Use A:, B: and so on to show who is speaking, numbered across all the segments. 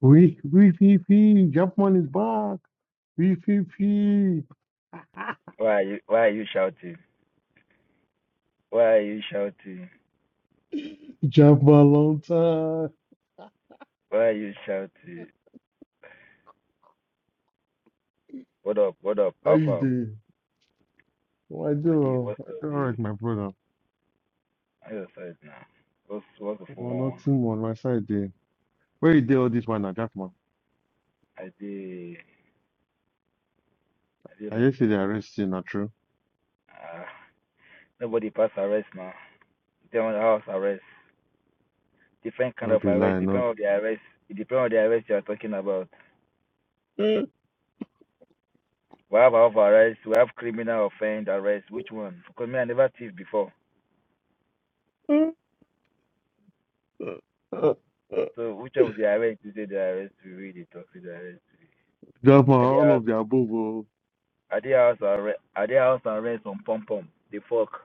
A: Wee wee fee fee, jump on his back. Wee fee fee,
B: Why are you why are you shouting? Why are you shouting?
A: jump for a long time.
B: Why are you shouting? What up? What up?
A: How you
B: Alpha.
A: doing? Oh, I
B: I did
A: do.
B: what's
A: I
B: up
A: do all right,
B: dude?
A: my brother.
B: I just said now. What's what's the phone
A: Well,
B: one?
A: nothing on my side there. Where you did all this one, Jack man?
B: I did I did
A: I just say they
B: understand.
A: arrest you, not true.
B: Uh, nobody pass arrest now. They on the house arrest. Different kind
A: Don't
B: of
A: be
B: arrest,
A: lying,
B: depend
A: no.
B: on the arrest it depends on the arrest you are talking about.
A: Jack
B: We have half arrest, we have criminal offense arrest, which one? Because me I never thief before. So which of the arrest is it the arrest to read it or the arrest?
A: man,
B: I
A: all
B: did
A: of the above. oh.
B: I did house arrest. I did house arrest on pom pom. The fuck.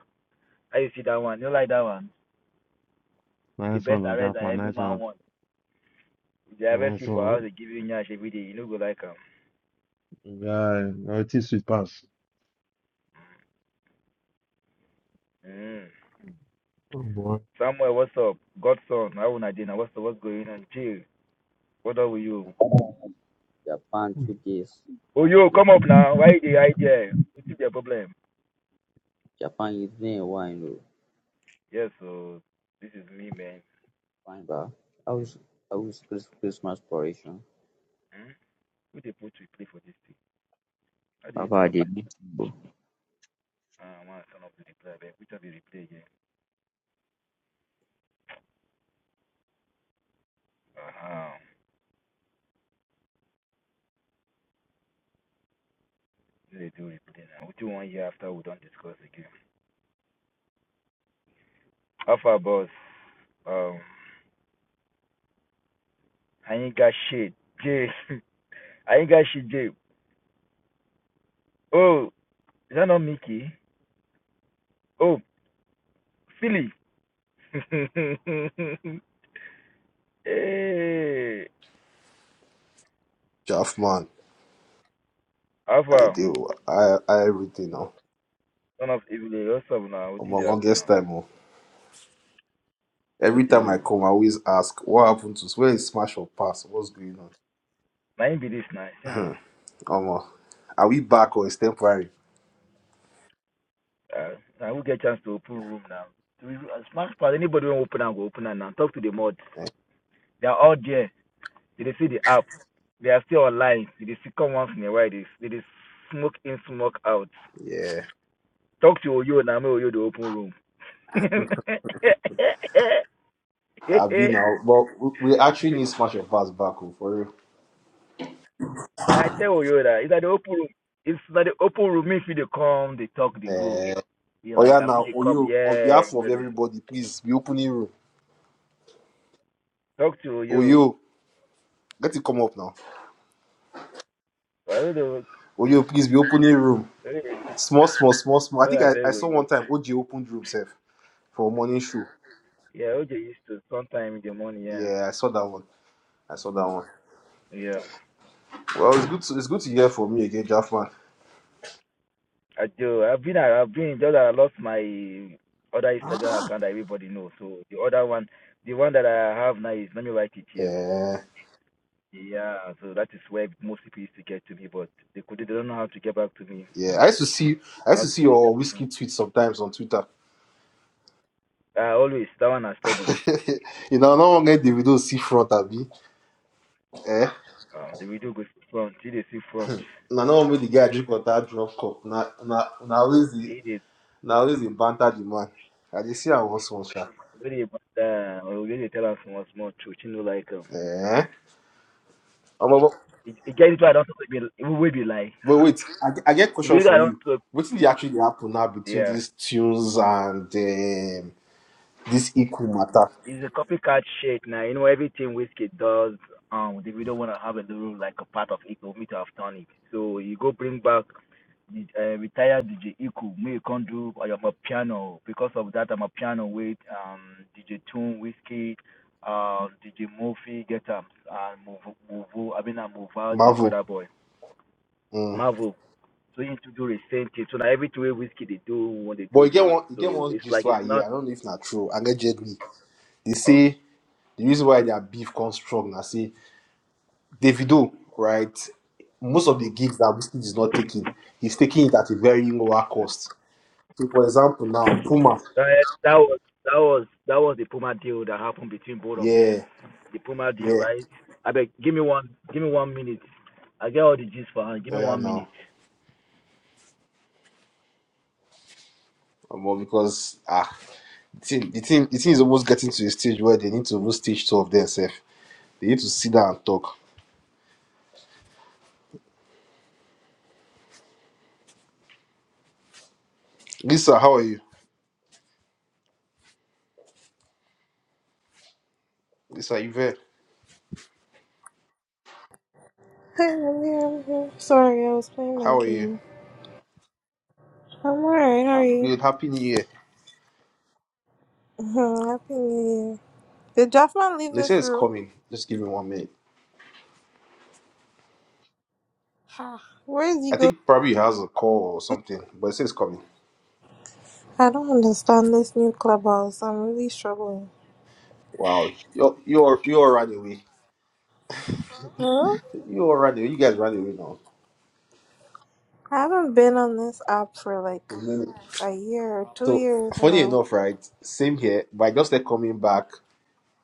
B: How you see that one? You no like that one? The
A: Nice
B: best
A: one, oh,
B: arrest
A: Jack
B: that
A: man.
B: every
A: Nice
B: man
A: one.
B: wants. If they arrest
A: Nice
B: you for house,
A: one.
B: they give you nyash every day. You no go like 'em.
A: Yeah, everything sweet pass.
B: Mm.
A: Oh boy.
B: Samuel, what's up? Godson, how una dey na? What's up? What's going on? Chill. What up with you?
C: Japan two days.
B: Oh
C: Ah,
B: yo,
C: it,
B: come up now. Why you dey hide there? What's your problem?
C: Japan yìí ẹ̀ wà nínú
B: Yes, so this is me, man.
C: fine ba. How's how's Christmas preparation?
B: Hmm? Who dey put replay for this thing? How did you
C: Bàbá
B: turn up
C: Adé
B: this?
C: ní.
B: Ah, I want to turn up the replay. man. Which of the replay again? Uh-huh. They do it then. We do one year after we don't discuss again. Alpha boss. Um I ain't got shit. Jay I ain't got shit, Jay. Oh, is that not Mickey? Oh, Philly. hey
D: Chaff man, I
B: Alpha,
D: do. I I everything now.
B: son of evil, what's up now? What
D: I'm
B: think they
D: on
B: happen
D: longest
B: now?
D: time. Oh.
B: I
D: Every time I
B: do.
D: come, I always ask, what happened to us? Where is smash or pass? What's going on?
B: Now him be this now, see am
D: Hmm.
B: now.
D: Omo, are we back or it's temporary?
B: Uh, now we get a chance to open room now. Do we- uh, Smash part anybody when open and go open and now. Talk to the mod.
D: Eh,
B: They are all there. Did they dey see the app? They are still online. Did they dey see come once in a while? They, did they dey smoke in, smoke out?
D: Yeah,
B: Talk to Oyo and Ame Oyo, the open room.
D: I've been now. But we we actually need smash or pass back oh, for real.
B: I tell Oyo that it's at the open room. It's at the open room. If they come, they talk, they go.
D: Eh,
B: Be like,
D: Oya
B: I feel
D: now,
B: they come,
D: Oyo, on
B: yeah,
D: behalf of
B: brother.
D: everybody, please be opening room.
B: Talk to Oyo.
D: Oyo, let it come up now.
B: I don't know.
D: Oyo, please be opening room. Small, small, small, small. I think
B: Where I
D: I,
B: beg
D: I saw
B: Oyo.
D: one time OG opened room, safe for morning show.
B: Yeah, Oyo used to sometime in the morning, yeah.
D: Yeah, I saw that one. I saw that one.
B: Yeah.
D: Well, it's good. To, it's good to hear from you again, Jaffman.
B: I do. I've been. I've been. Just that I lost my other Instagram account. That everybody knows. So the other one, the one that I have now is Let Me Write It Here.
D: Uh,
B: Yeah. So that is where most people used to get to me, but they could. They don't know how to get back to me.
D: yeah, I used to see. I used
B: How
D: to
B: to
D: see
B: say that?
D: your
B: one.
D: whiskey tweets sometimes on Twitter.
B: Uh, always that one are steady.
D: you know, no one get the video see front of me. Eh?
B: Uh, the video goes to front. It is in front.
D: Now, no one make the guy drink water drop cup. Now, now, now always the
B: It is
D: now always the banter the man. I just see I once one shot.
B: very but uh, we really tell us small small truth. You know, like um,
D: Eh? Omo, but, but
B: it, it gets into I don't talk. It will be like
D: but wait, I, get- I get
B: The
D: question
B: video I
D: for
B: don't
D: you.
B: talk.
D: What did actually happen now between
B: Yeah.
D: these tunes and um, this equal matter?
B: It's a copycat shit now. You know everything whiskey does. Um, they not want to have a little like a part of it, we need to have done it. So you go bring back the uh, retired DJ Iku. Me you can't do. I am a piano because of that. I'm a piano with um DJ Tune Whiskey, uh DJ Murphy get up and move move. I mean I move out the
D: Marvel.
B: recorder boy
D: Hmm.
B: Marvel. So you need to do the same thing. So now every two way whiskey they do what they
D: But
B: do
D: you get
B: now.
D: one, you get
B: So
D: one
B: it's
D: gist
B: like it's
D: why
B: not
D: yeah, I don't know if not true. I get Jet Li. They
B: okay.
D: say the reason why their beef comes strong. I say Davido, right? Most of the gigs that Whiskey is not taking, he's taking it at a very lower cost. So for example, now Puma,
B: Uh, that was that was that was the Puma deal that happened between both of them.
D: yeah,
B: The Puma deal,
D: yeah,
B: right? I beg, give me one, give me one minute. I get all the gist for her. Give
D: oh
B: me
D: yeah,
B: one
D: now.
B: minute.
D: Well, because ah, the thing, the thing, the thing is almost getting to a stage where they need to even stage two of themselves. They need to sit down and talk. Lisa, how are you? Lisa, Yvette,
E: Sorry, I was playing my
D: how are you?
E: game. I'm alright, how are
D: I'm
E: you?
D: good. Happy New Year.
E: Happy New Year. Did Jaffman leave
D: They say
E: this
D: it's
E: room?
D: coming. Just give me one minute.
E: Ha. Where is he
D: I
E: going?
D: think probably he has a call or something, but it says coming.
E: I don't understand this new clubhouse. I'm really struggling.
D: Wow. You're you're you're right away.
E: Huh?
D: You're right away. You guys ran away now.
E: I haven't been on this app for like
D: A minute.
E: a year or two
D: So
E: years
D: funny
E: now.
D: enough, right? Same here, but I just started coming back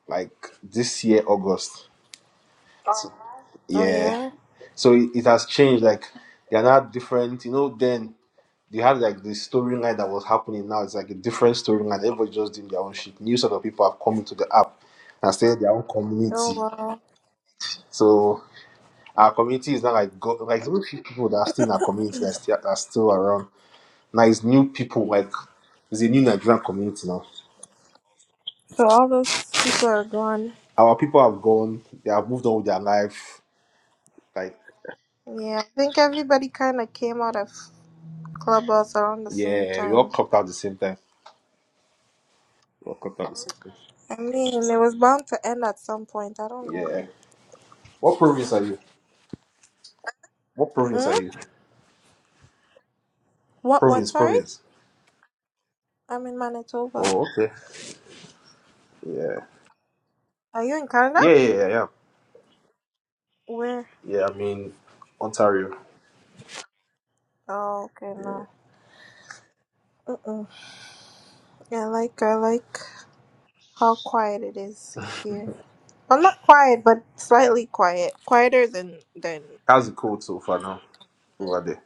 D: like this year, August. So,
E: Oh
D: yeah.
E: yeah?
D: So it, it has changed, like they're not different, you know, then they had like the storyline that was happening now. It's like a different storyline. Everybody just doing their own shit. New sort of people have come into the app and started their own
E: Oh
D: community.
E: wow.
D: So Our community is not like go, like it's few people that are still in our community that are still, that are still around. Now it's new people like it's a new Nigerian community now.
E: So all those people are gone.
D: Our people have gone, they have moved on with their life. Like
E: Yeah, I think everybody kind of came out of clubhouse around the same
D: yeah, we all
E: time.
D: clocked out the same time. We all clocked out the same time.
E: I mean, it was bound to end at some point. I don't know.
D: Yeah. What province are you? What province are
E: Hmm?
D: you?
E: What? What?
D: Province,
E: Sorry,
D: province.
E: I'm in Manitoba.
D: Oh, okay. Yeah.
E: Are you in Canada?
D: Yeah, yeah, yeah, yeah.
E: Where?
D: Yeah, I mean Ontario.
E: Oh, okay, no. Mm-mm. I like I like how quiet it is here. Well, not quiet, but slightly quiet. Quieter than than.
D: How's it cold so far now over there?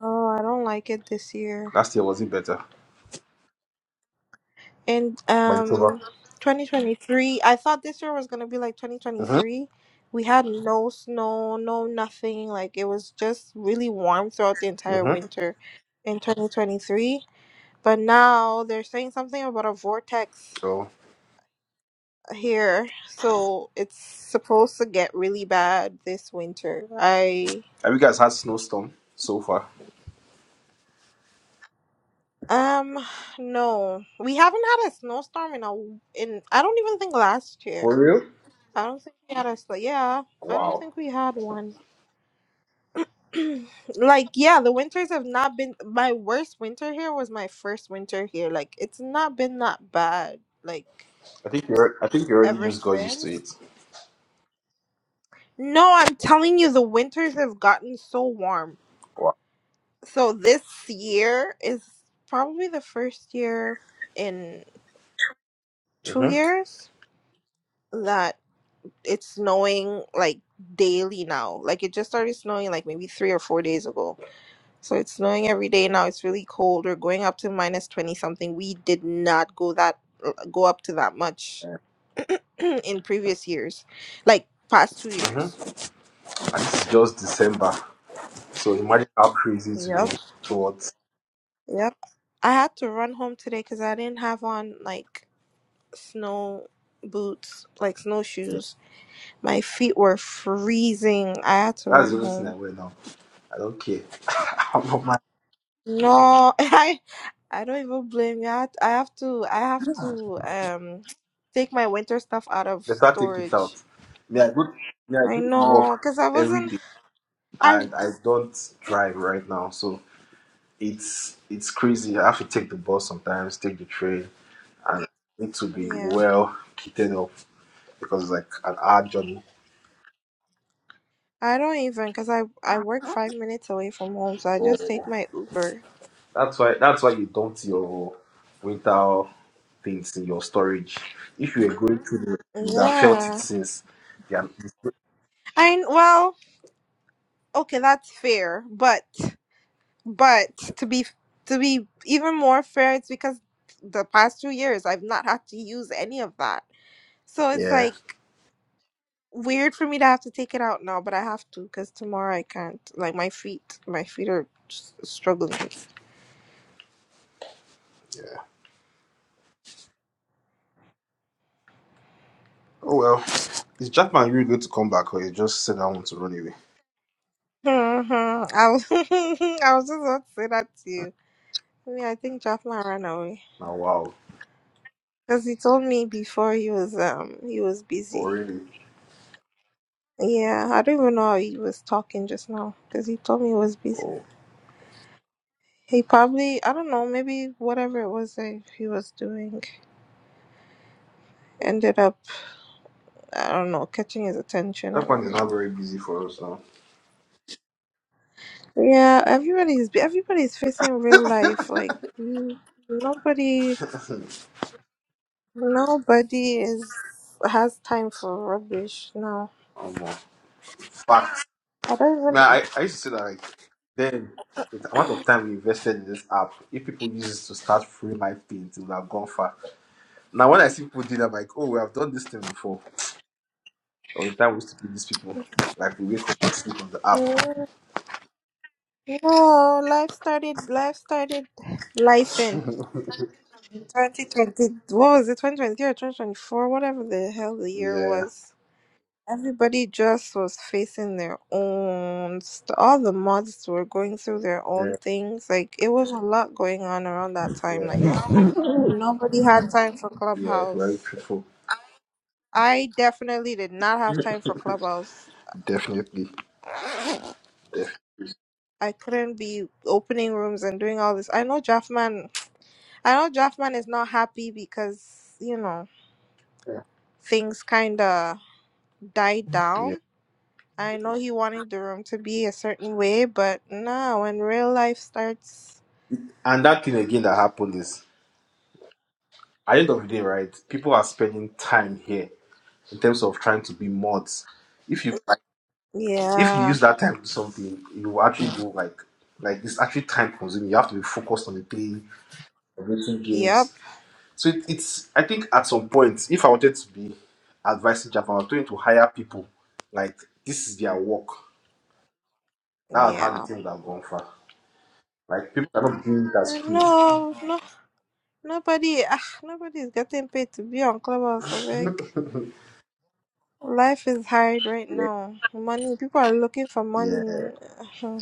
E: Oh, I don't like it this year.
D: Last year was it better?
E: And
D: Manitoba.
E: um, 2023. I thought this year was gonna be like
D: Mm-hmm.
E: 2023. We had no snow, no nothing. Like it was just really warm throughout the entire
D: Mm-hmm.
E: winter in 2023 But now they're saying something about a vortex
D: Oh.
E: here. So it's supposed to get really bad this winter. I
D: Have you guys had snowstorm so far?
E: um no. We haven't had a snowstorm in a in I don't even think last year.
D: For real?
E: I don't think we had a snow. Yeah, I don't
D: Wow.
E: think we had one. like yeah, the winters have not been my worst winter here was my first winter here. Like it's not been that bad like
D: I think you are I think you already
E: ever
D: just got used to
E: since.
D: it.
E: No, I'm telling you, the winters have gotten so warm.
D: Wow.
E: So this year is probably the first year in two
D: Mhm.
E: years that it's snowing like daily now. Like it just started snowing like maybe three or four days ago. So it's snowing every day now. It's really cold. We're going up to minus 20 something. We did not go that go up to that much in previous years, like past two
D: Mhm.
E: years.
D: And it's just December, so imagine how crazy it would
E: Yep.
D: be towards.
E: Yep. I had to run home today because I didn't have on like snow boots, like
D: Yeah.
E: snowshoes. My feet were freezing. I had to
D: That's
E: run
D: the only thing I
E: home.
D: wear now. I don't care. I'm not mad.
E: No, I I don't even blame you. I, had- I have to I have to um take my winter stuff out of
D: Better take it out.
E: storage.
D: Yeah. I go. Me, I
E: I
D: go to work
E: know because I
D: every
E: wasn't
D: day,
E: I
D: and I don't drive right now, so it's it's crazy. I have to take the bus sometimes, take the train, and I need to be
E: yeah.
D: well kitted up because it's like an hour journey
E: I don't even because I I work five minutes away from home, so I
D: Oh,
E: just take my Uber.
D: that's why. That's why you dumped your winter things in your storage. If you were going through, the, you would have felt it
E: Yeah.
D: since. Yeah.
E: I well. okay, that's fair, but but to be to be even more fair, it's because the past two years I've not had to use any of that. So it's
D: Yeah.
E: like weird for me to have to take it out now, but I have to because tomorrow I can't. Like my feet, my feet are s- struggling.
D: Oh well. Is Jackman really going to come back, or you just said I want to run away?
E: hmm I was I was just about to say that to you. I mean, I think Jafna ran away
D: Now, wow.
E: because he told me before he was um he was
D: Oh
E: busy.
D: really?
E: Yeah, I don't even know how he was talking just now because he told me he was busy.
D: Oh,
E: He probably, I don't know, maybe whatever it was that he was doing ended up, I don't know, catching his attention. I
D: Japan is
E: don't
D: not
E: know.
D: very busy for us now.
E: Yeah, everybody's everybody's facing real life. Like you, nobody, nobody is has time for rubbish. No,
D: Um, uh, fact.
E: I
D: Man,
E: don't
D: I, I used to say that like then the amount of time we invested in this app, if people use it to start free my things, it would have gone far. Now when I see people do that, I'm like, oh, we have done this thing before. All the time we used to give these people. Like we wake up and sleep on the app.
E: even. Yeah. No, life started. Life started. Life in. 2020, what was it, twenty twenty or 2024, whatever the hell the year
D: Yeah,
E: was. Everybody just was facing their own st- all the mods were going through their
D: yeah,
E: own things. Like it was a lot going on around that time.
D: yeah,
E: Like nobody had time for
D: yeah. Very
E: Clubhouse.
D: truthful.
E: I definitely did not have time for Clubhouse.
D: Definitely. definitely.
E: I couldn't be opening rooms and doing all this. I know Draftman I know Draftman is not happy because, you know, things kinda died
D: yeah.
E: down. I know he wanted the room to be a certain way, but nah, when real life starts
D: And that thing again that happened is at the end of the day, right? People are spending time here in terms of trying to be mods. If you like, if you
E: Yeah.
D: use that time to do something, you will actually do like like it's actually time consuming. You have to be focused on the thing, on making games.
E: Yep.
D: So it, it's I think at some point, if I wanted to be advising Japan, I was going to hire people like this is their work. That's how the
E: Yeah.
D: thing would have gone far. Like people are not doing it as
E: And
D: crews.
E: no, no, nobody, ah, nobody's getting paid to be on Clubhouse. I beg. Life is hard right
D: yeah,
E: now. Money, people are looking for
D: yeah,
E: money.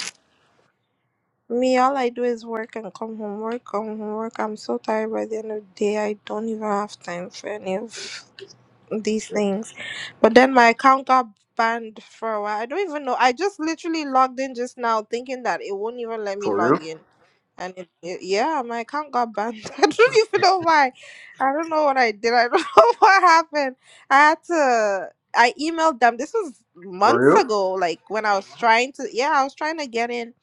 E: Me, all I do is work and come home, work, come home, work. I'm so tired by the end of the day. I don't even have time for any of these
D: yeah.
E: things. But then my account got banned for a while. I don't even know. I just literally logged in just now thinking that it won't even let me
D: For real?
E: log in. And it, it- yeah, my account got banned. I don't even know why. I don't know what I did. I don't know what happened. I had to. I emailed them. This was
D: For
E: months
D: real?
E: ago. Like when I was trying to. Yeah, I was trying to get in,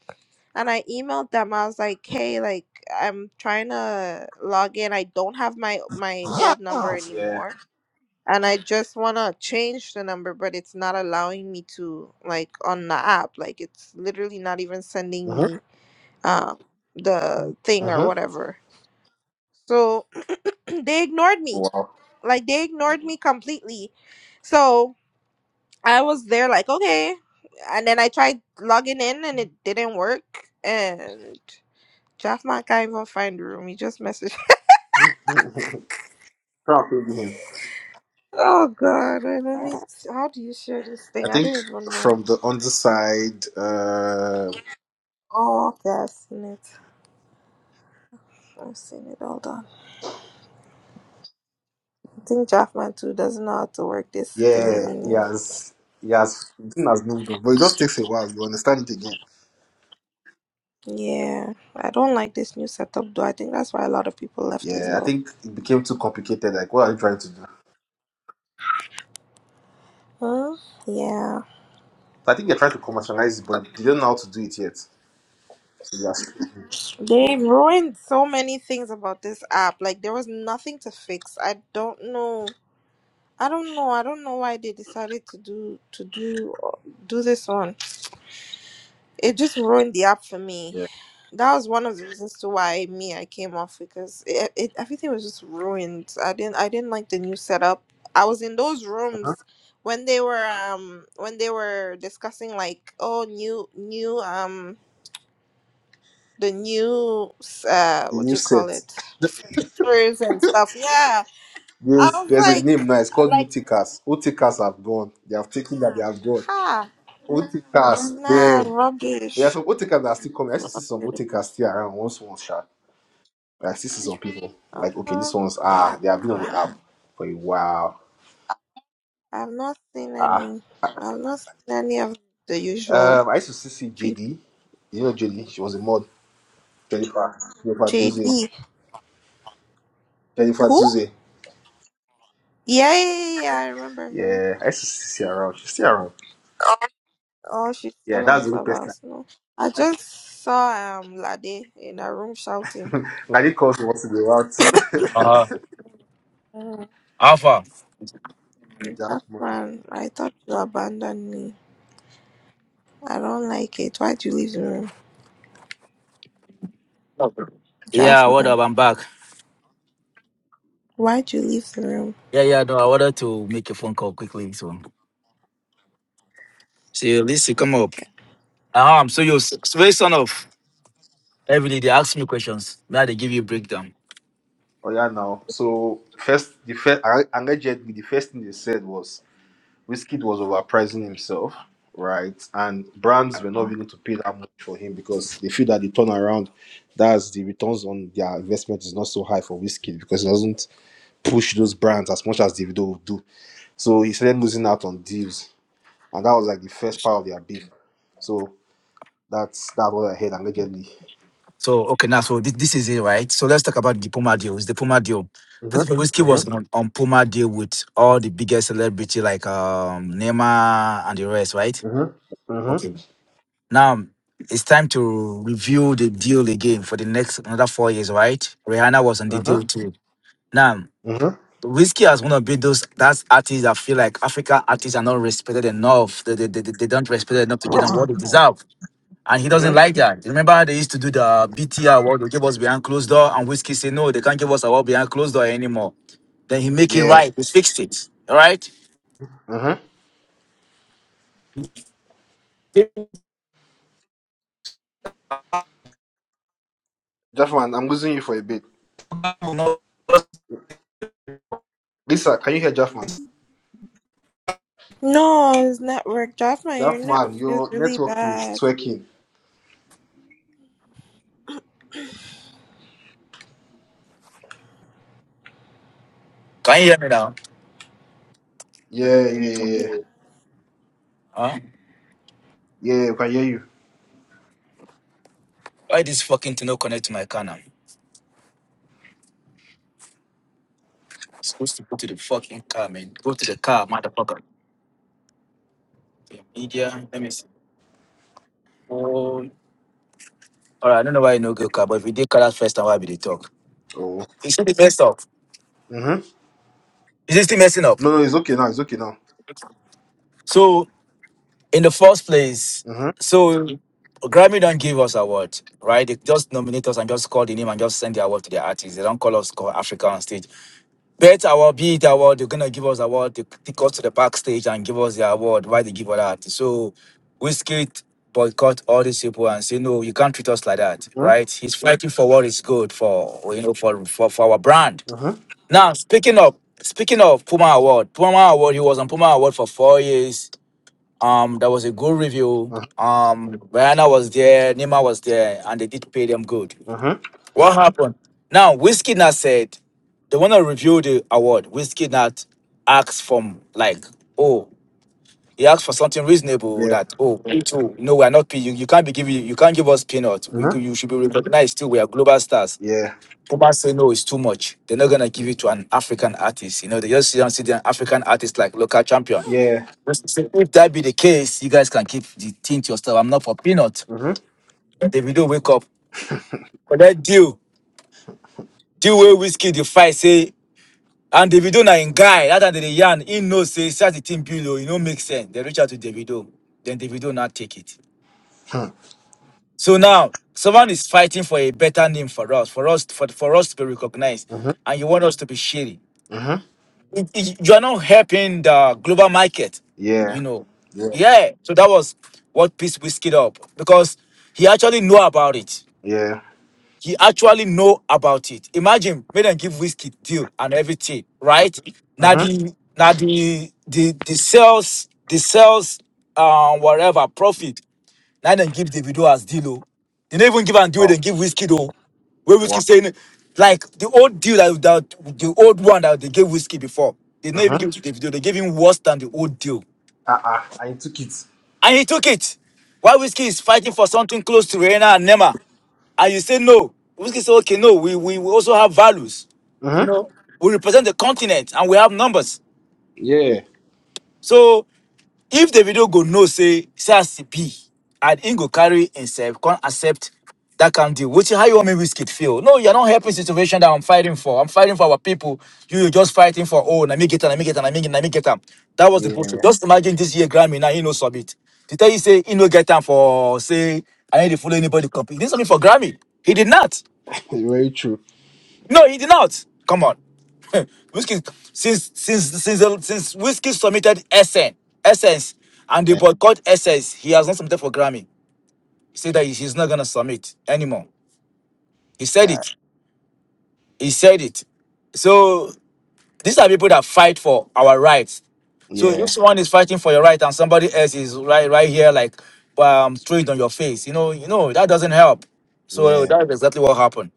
E: and I emailed them. I was like, "Hey, like I'm trying to log in. I don't have my my old number
D: Yeah.
E: anymore, and I just wanna change the number, but it's not allowing me to. Like on the app, like it's literally not even sending
D: Mm-hmm.
E: me." um the thing or
D: Mm-hmm.
E: whatever so they ignored me
D: Wow.
E: like they ignored me completely so i was there like okay and then i tried logging in and it didn't work and Jeff can't even find the room. He just messaged.
D: Proud to be him.
E: Oh God! Wait, let me. How do you share this
D: I
E: thing? I
D: think
E: don't even know.
D: from the underside, uh,
E: Oh, okay, I've seen it. I've seen it. Hold on. I think Jaffman too doesn't know how to work this thing
D: yeah, he
E: anymore.
D: has, he has, the thing has moved on, but it just takes a while. You understand it again.
E: Yeah, I don't like this new setup though. I think that's why a lot of people left as
D: Yeah, I
E: well.
D: think it became too complicated. Like, what are you trying to do?
E: Huh? Yeah.
D: I think they're trying to commercialize it, but they don't know how to do it yet. So that's,
E: They ruined so many things about this app. Like there was nothing to fix. I don't know. I don't know. I don't know why they decided to do to do uh, do this one. It just ruined the app for me.
D: yeah.
E: That was one of the reasons to why me I came off because it, it everything was just ruined. I didn't I didn't like the new setup. I was in those rooms when they were um when they were discussing like oh new new um the new uh
D: The
E: what
D: new
E: do you call
D: set.
E: it features and stuff. Yeah, I
D: There's,
E: was
D: there's a name
E: like
D: now. It's called New
E: like
D: Tickers. Old Tickers have gone. They have taken that. They have gone.
E: ha
D: Old Tickers.
E: nah
D: There. But there are
E: rubbish.
D: some Old Tickers that are still coming. I used to see some Old
E: rubbish.
D: Tickers still around once, once sharp. But I still see some people. Like, okay,
E: Uh-huh.
D: these one's, ah, they have been on the app for a while.
E: I've not seen
D: Ah.
E: any. I've not seen any of the usual
D: Um, I used to see see
E: people.
D: JD. You know JD? She was a mod. Jennifer. Jennifer Duze.
E: JD.
D: Jennifer
E: Who?
D: Duze.
E: Yeah, yeah, yeah, yeah. yeah, I remember her.
D: Yeah, I used to see her around. She's still around.
E: Oh, she's
D: Yeah,
E: still on
D: that's the only person.
E: Clubhouse. No, I just saw um Lade in her room shouting.
D: Ngali calls me once in a too.
B: Uh,
E: Mm,
B: Alpha.
D: yeah,
E: Draft
D: man.
E: man, I thought you abandoned me. I don't like it. Why'd you leave the room,
B: Yeah,
E: Draft
B: what
E: man?
B: up? I'm back.
E: Why'd you leave the room?
B: Yeah, yeah. No, I wanted to make a phone call quickly. So, See, at least you come up. um, so you s- s- very son of every day they ask me questions. Now they give you breakdown.
D: Oh yeah, now. So first, the first, allegedly, the first thing they said was Wizkid was overpricing himself, right? And brands were not willing to pay that much for him because they feel that the turnaround, that's the returns on their investment is not so high for Wizkid because it doesn't push those brands as much as Davido would do. So he started losing out on deals, and that was like the first part of their beef. So. That's that's what I heard allegedly.
B: So okay, now so this, this is it, right? So let's talk about the Puma deal. It's the Puma deal. First of all,
D: Mm-hmm.
B: Whiskey was
D: Mm-hmm.
B: on, on Puma deal with all the biggest celebrity like um Neymar and the rest, right?
D: Mm-hmm. Mm-hmm.
B: Okay. Now it's time to review the deal again for the next another four years, right? Rihanna was on the deal
D: Mm-hmm.
B: too. Now
D: Mm-hmm.
B: Whiskey has one of be those that's artists that feel like African artists are not respected enough. They, they, they, they don't respect enough to give them what they deserve. And he doesn't
D: Mm-hmm.
B: like that. Remember, they used to do the BT award. They give us behind closed door, and Whiskey say no, they can't give us award behind closed door anymore. Then he make it
D: Yeah.
B: right. He fixed it. All right.
D: Mm-hmm. Jaffman, I'm losing you for a bit. Lisa, can you hear Jaffman?
E: No, it's network. Draft man, your network
D: Jaffman,
E: is
D: your
E: really
D: network is
E: bad.
D: twerking.
B: Can you hear me now?
D: Yeah, yeah, yeah. Yeah,
B: Huh?
D: Yeah, we can hear you.
B: Why this fucking thing not connect to my car now? It's supposed to go to the fucking car, man. Go to the car, motherfucker. Media. Let me see. Oh, all right. I don't know why you no go car, but if we did car that first time, why be they talk?
D: Oh.
B: Is it still messed up?
D: Mm-hmm.
B: Is it still messing up?
D: No, no, it's okay now. It's okay now.
B: So. in the first place,
D: Mm-hmm.
B: so Grammy don't give us award, right? They just nominate us and just call the name and just send the award to the artists. They don't call us call Africa on stage. Bet award, be it award, they're gonna give us award. They take us to the backstage and give us the award. Why they give us that? So we skate boycott all these people and say no, you can't treat us like that, right? He's fighting for what is good for you know for for, for our brand.
D: Mm-hmm.
B: Now speaking of speaking of Puma Award, Puma Award, he was on Puma Award for four years um, there was a good review.
D: Mm-hmm.
B: Um, Rihanna was there, Nima was there, and they did pay them good.
D: Mm-hmm.
B: What happened? Now, Whiskey said they want to review the award. Whiskey asked from like, oh, he asked for something reasonable
D: Yeah.
B: that oh, me too. No, we are not paying you. You can't be giving you can't give us peanuts. We could,
D: Mm-hmm.
B: you should be recognized too. We are global stars.
D: Yeah.
B: Puma say no, it's too much. They're not gonna give it to an African artist. You know, they just see and see the African artist like local champion.
D: Yeah.
B: If that be the case, you guys can keep the thing to yourself. I'm not for peanut.
D: Mm-hmm.
B: Davido wake up. Collect deal. Deal with whiskey, the fight, say. And Davido na in guy, other than the yarn, he knows, say, such the team below, you know, make sense. They reach out to Davido. Then Davido not take it. So now, someone is fighting for a better name for us, for us, for, for us to be recognized.
D: Mm-hmm.
B: And you want us to be shady.
D: Mm-hmm.
B: it- it- you are not helping the global market,
D: Yeah.
B: you know.
D: Yeah.
B: Yeah. So that was what pissed Whiskey up because he actually know about it.
D: Yeah.
B: He actually know about it. Imagine made them give whiskey deal and everything, right? Now
D: Mm-hmm.
B: the now the the the sales the sales uh whatever profit now then give the video as deal. oh. They don't even give and deal,
D: Oh,
B: they give whiskey though. Where whiskey
D: wow.
B: saying like the old deal that, that the old one that they gave whiskey before. They didn't even
D: Mm-hmm.
B: give to the video. they gave him worse than the old deal.
D: Uh-uh. I took it.
B: And he took it. While whiskey is fighting for something close to Rihanna and Nema, and you say no. Whiskey say, okay, no, we, we, we also have values. You know, we represent the continent and we have numbers.
D: Yeah,
B: So If the video go know say say as e be, and he go carry himself, can't accept that kind of deal. Which how you want me risk it feel? No, you're not helping situation that I'm fighting for. I'm fighting for our people. You you just fighting for oh, let me get and let me get and let me get them, let me get them. That was the bullshit.
D: yeah,
B: Just imagine this year Grammy now he no submit. To tell you say he no get time for say I need to follow anybody compete. He did something for Grammy. He did not.
D: it's very true.
B: No, he did not. Come on. Whiskey since since since the- since Whiskey submitted Essence Essence and they
D: Eh,
B: boycott Essence, he has not submitted for Grammy. He said that he- he's not gonna submit anymore. He said
D: Yeah,
B: it. He said it. So these are people that fight for our rights. So if
D: yeah,
B: someone is fighting for your right and somebody else is right right here like um throwing it on your face, you know, you know, that doesn't help. So
D: yeah,
B: that's exactly what happened.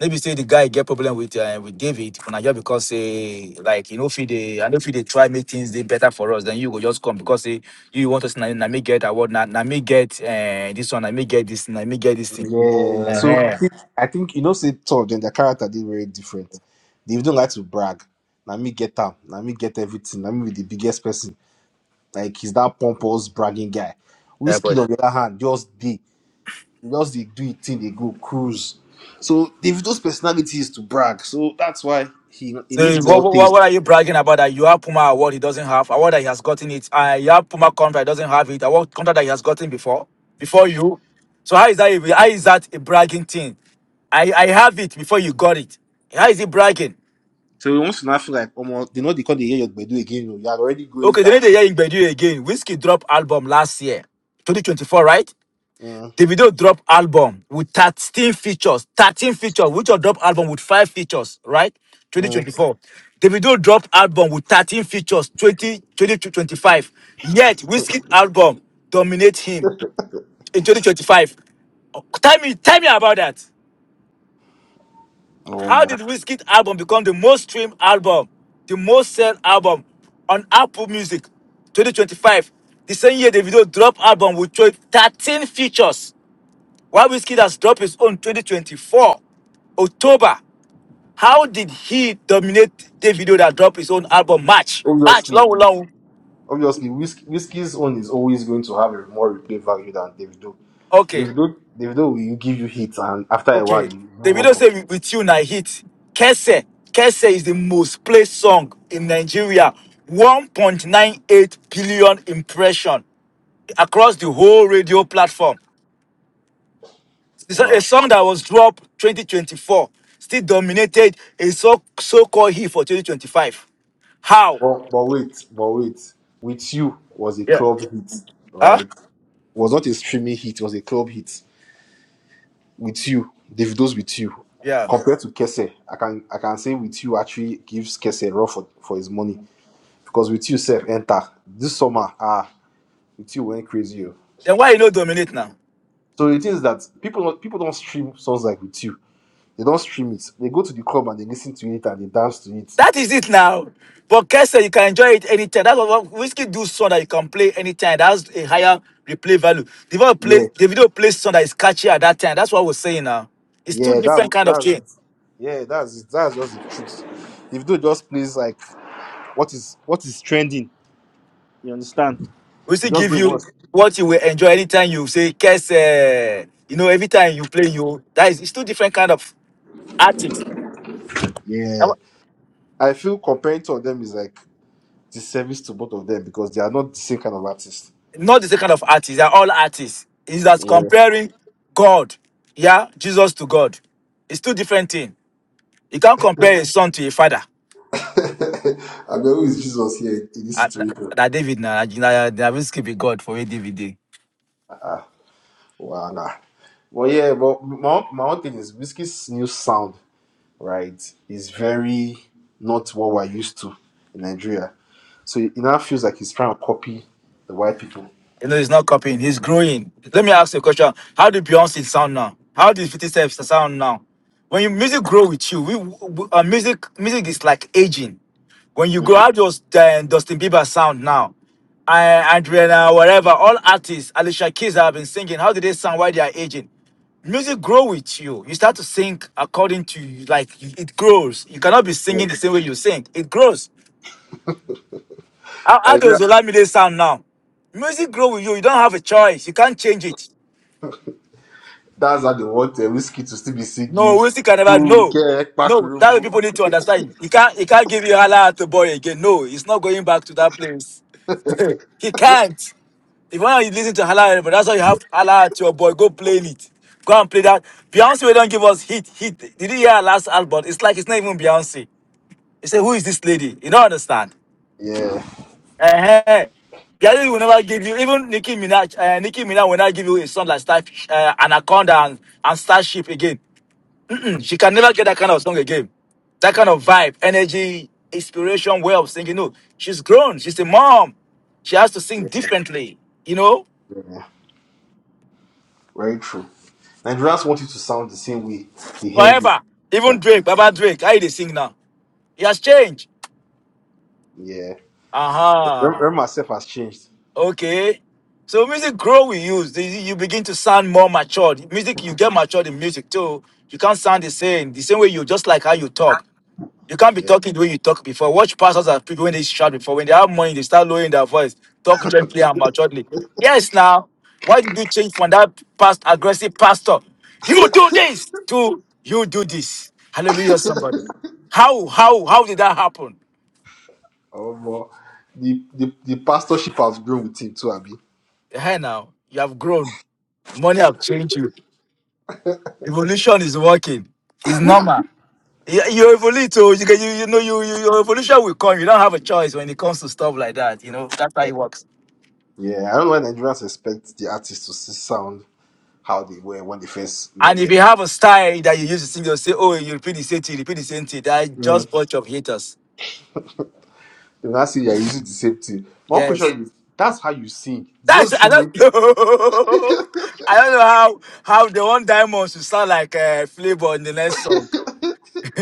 B: Maybe say the guy get problem with uh, with David for Nigeria because say like you know if they I know if they try make things they better for us then you go just come because say you want us na, na me get award na, na me get uh, this one na me get this na me get this thing.
D: yeah. So I
B: Uh-huh.
D: think I think you know, say Thor, then the character did very different. They don't like to brag. Let me get them. Let me get everything. Let me be the biggest person. Like he's that pompous bragging guy. Whiskey on the other hand, just they just they do it thing. They go cruise. So they those personalities to brag. So that's why he he
B: So
D: needs
B: what,
D: more
B: what,
D: things.
B: what are you bragging about that you have Puma award he doesn't have, award that he has gotten it, and you have Puma contract he doesn't have it, award contract that he has gotten before, before you. So how is that even- how is that a bragging thing? I, I have it before you got it. How is it bragging?
D: So he wants to not feel like almost they know they can't hear your do again. You are already going
B: Okay, they
D: down.
B: need to hear Ingbedu again. Whiskey drop album last year, 2024, right?
D: Mm.
B: Davido drop album with 13 features, 13 features, which will drop album with five features, right?
D: Mm.
B: 2024. Davido drop album with 13 features, 20, 2025. Yet Whiskey album dominate him in 2025. Oh, Tell me, tell me about that. How
D: Um,
B: did Whiskey album become the most streamed album, the most sell album on Apple Music 2025? The same year Davido drop album with 13 features. Wabisky has dropped his own 2024 October. How did he dominate Davido that dropped his own album March? March,
D: obviously,
B: long, long.
D: obviously, Whis- Whiskey's own is always going to have a more replay value than Davido.
B: Okay,
D: Davido, Davido will give you hits, and after a while,
B: okay.
D: you move on
B: Davido
D: from it.
B: say with you na hit. Kese, Kese is the most played song in Nigeria. 1.98 billion impression across the whole radio platform. It's a a
D: Wow.
B: song that was dropped 2024 still dominated a so so-called hit for 2025. How?
D: But but wait, but wait. With you was a
B: Yeah.
D: club hit,
B: Huh?
D: right? Was not a streaming hit. Was a club hit. With you, Davido's with you.
B: Yeah.
D: Compared to Kese, I can I can say with you actually gives Kese run for, for his money because with you, self enter this summer. Ah, with you went crazy. oh.
B: Then why you no dominate now?
D: So it is that people don't, people don't stream songs like with you. They don't stream it. They go to the club and they listen to it and they dance to it.
B: That is it now. But Kessel, you can enjoy it anytime. That's what whiskey do song that you can play anytime. That's a higher replay value. The video
D: Yeah,
B: plays the video plays song that is catchy at that time. That's what we're saying now. It's two
D: yeah,
B: different
D: that
B: kind of
D: that's
B: thing.
D: it. Yeah, that's it. That's just the truth. If they just plays like what is what is trending, you understand?
B: We
D: You
B: still
D: just
B: give
D: do
B: you
D: what.
B: what you will enjoy anytime you say Kessel. You know, every time you play you that is it's two different kind of artists. That
D: Yeah,
B: wa-
D: I feel comparing to them is like disservice to both of them because they are not the same kind of artists.
B: Not the same kind of artists, they're all artists. It's just
D: Yeah,
B: comparing God, yeah, Jesus to God. It's two different things. You can't compare a son to a father.
D: I mean, who is Jesus here in this
B: Ah, na
D: situation?
B: na David, na na na- na David skip with God for where David dey.
D: Wow, nah. Well, yeah, but my own- my own thing is Whiskey's new sound, right, is very not what we're used to in Nigeria. So it now feels like he's trying to copy the white people.
B: You know, he's not copying, he's growing. Let me ask you a question. How do Beyonce sound now? How does 50 Cent sound now? When your music grow with you, we, we uh, music music is like aging. When you grow out just uh, Dustin Bieber sound now, uh, Adriana, whatever, all artists, Alicia Keys have been singing. How do they sound while they are aging? Music grow with you. You start to sing according to like it grows. You cannot be singing
D: Yeah.
B: the same way you sing. It grows. How, how does
D: Nigeria,
B: Olamide sound now? Music grow with you. You don't have a choice. You can't change it.
D: that's how they want uh, Whiskey to still be
B: No,
D: singing.
B: music can never.
D: "Ooh,
B: No,
D: yeah,
B: no. That's way people
D: Ekpakurubu."
B: need to understand. He can't. He can't give you hala to boy again. No, it's not going back to that place. he can't. If you want to listen to hala, but that's why you have hala to your boy. Go play it. Go and play that. Beyonce don't give us hit. Hit. Did you hear her last album? It's like it's not even Beyonce. You say, who is this lady? You don't understand.
D: yeah,
B: Uh-huh. Gary will never give you, even Nicki Minaj, uh, Nicki Minaj will not give you a song like Star, uh, Anaconda and, and Starship again. she can never get that kind of song again. That kind of vibe, energy, inspiration, way of singing. No, she's grown. She's a mom. She has to sing
D: yeah,
B: differently, you know,
D: very true. Nigerians want you to sound the same way they heard you first
B: forever. Even
D: time.
B: Drake, Baba Drake, how they sing now? He has changed.
D: Yeah. Rem
B: Uh-huh.
D: Rem myself has changed.
B: Okay. So music grow with you. The- You begin to sound more matured. Music, you get matured in music too. You can't sound the same. The same way you just like how you talk. You can't be
D: Yeah.
B: talking the way you talk before. Watch pastors and people when they shout before. When they have money, they start lowering their voice. Talk gently and maturely. Yes, now. Why did you change from that past aggressive pastor? You do this to you do this. Hallelujah, somebody. How how how did that happen?
D: Oh, but the, the, the pastorship has grown with him too, Abby.
B: Hey now, you have grown. Money have changed you. Evolution is working. It's normal. You you evolve, so you, can- you you know you, you your evolution will come. You don't have a choice when it comes to stuff like that. You know that's how it works.
D: Yeah, I don't know why Nigerians expect the artists to s- sound how they were when they first
B: And
D: met
B: if
D: them.
B: you have a style that you use to sing, they'll say, "Oh, you repeat the same thing, repeat the same thing." That's
D: Mm.
B: just bunch of haters.
D: They will not say you're using the same thing. One
B: Yes,
D: question is that's how you sing. It's
B: that's
D: just the
B: I
D: same way
B: don't know. I don't know how how the one diamond should sound like uh, flavor in the next song.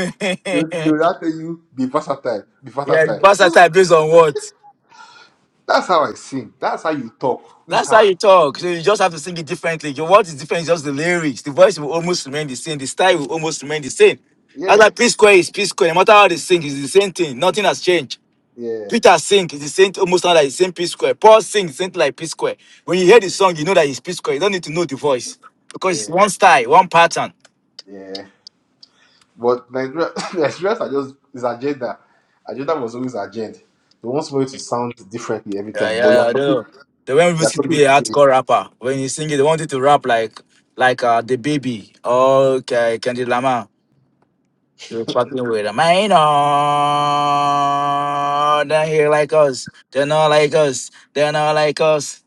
D: they will they will now tell you be versatile, be
B: yeah,
D: versatile. That's
B: versatile based on what?
D: that's how I sing. That's how you talk. This is
B: That's
D: how
B: how
D: I
B: you talk. So you just have to sing it differently. Your words is different, it's just the lyrics. The voice will almost remain the same. The style will almost remain the same. That's why
D: yeah,
B: P Square is P Square. No matter how they sing, it's the same thing. Nothing has changed.
D: yeah,
B: Peter sing, it's the same, almost sound like the same P Square. Paul sing, same thing like P Square. When you
D: yeah,
B: hear the song, you know that it's P Square. You don't need to know the voice because it's
D: yeah,
B: one style, one pattern.
D: yeah. But Nigeria, Nigerians are just is agenda. Agenda was always agenda. They want somebody to sound differently every
B: Yeah,
D: time, but
B: yeah,
D: you're
B: yeah. I don't
D: talking,
B: know. They want
D: you're
B: Whiskey to
D: talking
B: be a
D: the same
B: hardcore rapper. When you sing it, they want you to rap like like uh, the baby. Okay, Candy Lama. You're fucking with them. I Ain't on. They here like us. They're not like us. They're not like us.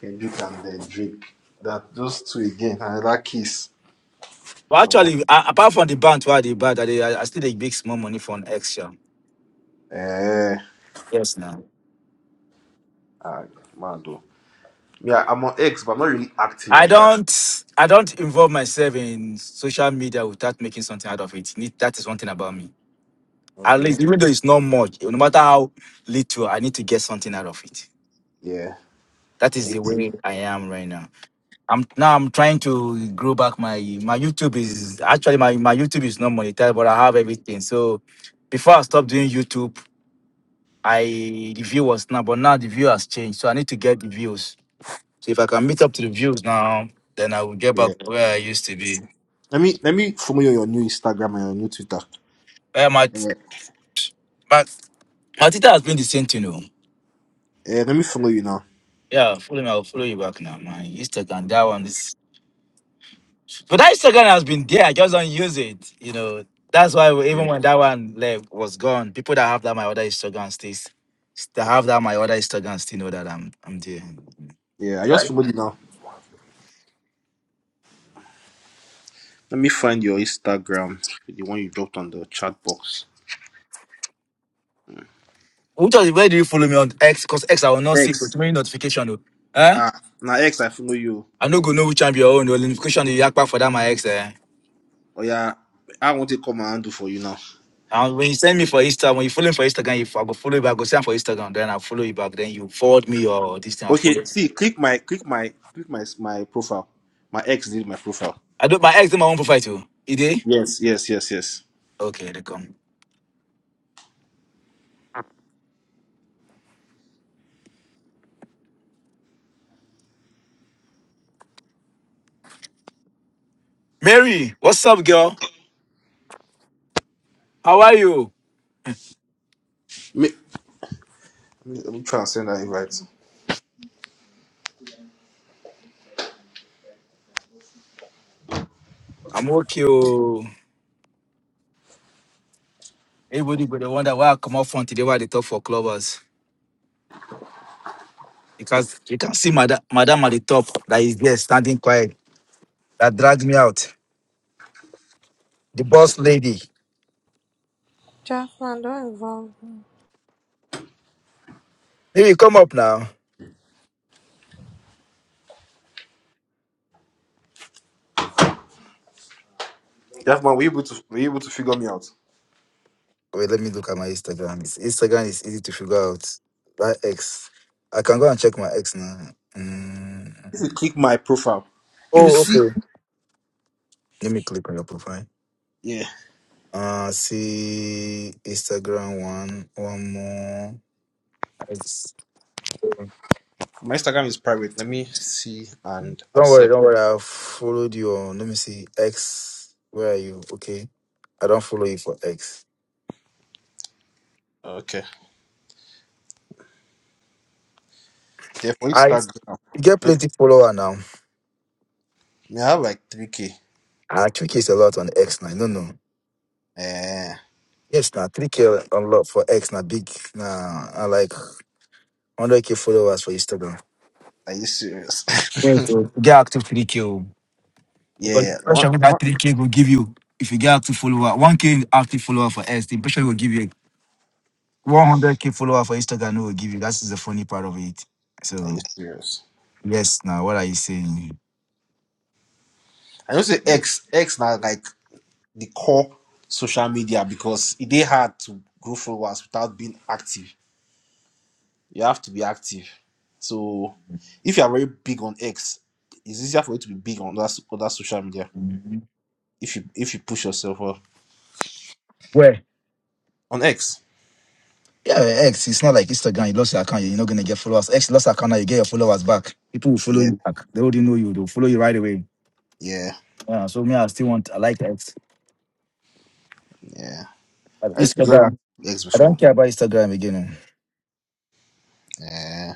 D: Kendrick and then Drake. That those two again, another kiss.
B: But
D: Um,
B: actually, a- apart from the bank, why the bank, I, I I still they big small money for an extra.
D: eh,
B: Yes, now.
D: ah, man, though. Yeah, I'm on X, but I'm not really active
B: I
D: like that.
B: don't. I don't involve myself in social media without making something out of it. Need- That is one thing about me. At
D: Okay,
B: least,
D: makes
B: even though it's not much, no matter how little, I need to get something out of it.
D: yeah,
B: That is the
D: makes-
B: way I am right now. I'm now I'm trying to grow back my my YouTube is actually my, my YouTube is not monetized, but I have everything. So before I stopped doing YouTube, I the view was now, but now the view has changed. So I need to get the views. So if I can meet up to the views now, then I will get
D: yeah.
B: back to where I used to be.
D: Let me let me follow you on your new Instagram and your new Twitter.
B: Yeah, my
D: Yeah,
B: my my Twitter has been the same thing. you know.
D: Eh, let me follow you now.
B: Yeah, follow me, I'll follow you back now. My Instagram, that one is But that Instagram has been there. I just don't use it. You know, that's why we- even
D: Yeah,
B: when that one left was gone, people that have that my other Instagram stays that have that my other Instagram still know that I'm I'm there.
D: yeah. I just
B: Right.
D: followed you now. Let me find your Instagram, the one you dropped on the chat box.
B: Which one- where do you follow me on X? Cause X I will not see but
D: X.
B: many notification. oh. Eh?
D: Ah, now X, I follow you.
B: I no go know which one be your own. The notification you back for that my X. Eh?
D: Oh yeah, I want to come and do for you now.
B: And when you send me for Instagram, when you follow me for Instagram, if I go follow you back, go send for Instagram, then I follow you back. Then you forward me or this thing I
D: Okay,
B: follow.
D: see, click my click my click my my profile. My ex did my profile.
B: I do my ex do my own profile too. You
D: Yes, yes, yes, yes.
B: Okay, they come. Mary, what's up, girl? How are you?
D: Me, me, let me try and send that invite.
B: I'm okay. oh. Everybody go dey wonder why I come up front today why they talk for clubbers. Because you can see madam, madam at the top that is there standing quiet. That dragged me out. The boss lady.
E: Draft man, don't involve
B: Maybe come up now.
D: That man, were you able to were you able to figure me out?
B: Wait, let me look at my Instagram. It's, Instagram is easy to figure out. That ex. I can go and check my ex now. Mm.
D: If you click my profile, you will
B: Oh,
D: see.
B: okay. Let me click on your profile.
D: Yeah,
B: Uh see Instagram one. One more. It's-
D: my Instagram is private. Let me see and
B: Don't worry,
D: accept.
B: don't worry. I followed you on. Let me see. X. Where are you? Okay. I don't follow you for X.
D: Okay. Yeah, for
B: I
D: Instagram,
B: you get
D: me,
B: plenty follower now.
D: me have like three k.
B: Ah, three K is a lot on X now. No, no.
D: Eh,
B: Yes, now three K a lot for X now. Big now. I like hundred K followers for Instagram.
D: are you serious?
B: Yes, so get active three K. oh. Because the
D: yeah.
B: pressure
D: What?
B: with that
D: What?
B: three K will give you if you get active follower one K active follower for X. The pressure will give you one hundred K follower for Instagram. No, Will give you. That's the funny part of it.
D: Are
B: So
D: you serious?
B: yes, now what are you saying?
D: I don't say X. X now like the core social media because it they hard to grow followers without being active. You have to be active. So if you are very big on X, it's easier for you to be big on that other social media
B: Where?
D: if you if you push yourself up. on X.
B: Yeah, X. It's not like Instagram. You lost your account. You're not gonna get followers. X lost account. Now you get your followers back. People will follow
D: Yeah,
B: you back. They already know you. They'll follow you right away.
D: yeah,
B: Yeah, so me, I still want. I like X.
D: yeah.
B: But
D: I used to be very
B: Instagram.
D: active on X
B: I don't
D: before.
B: care about Instagram again. eh.
D: Yeah,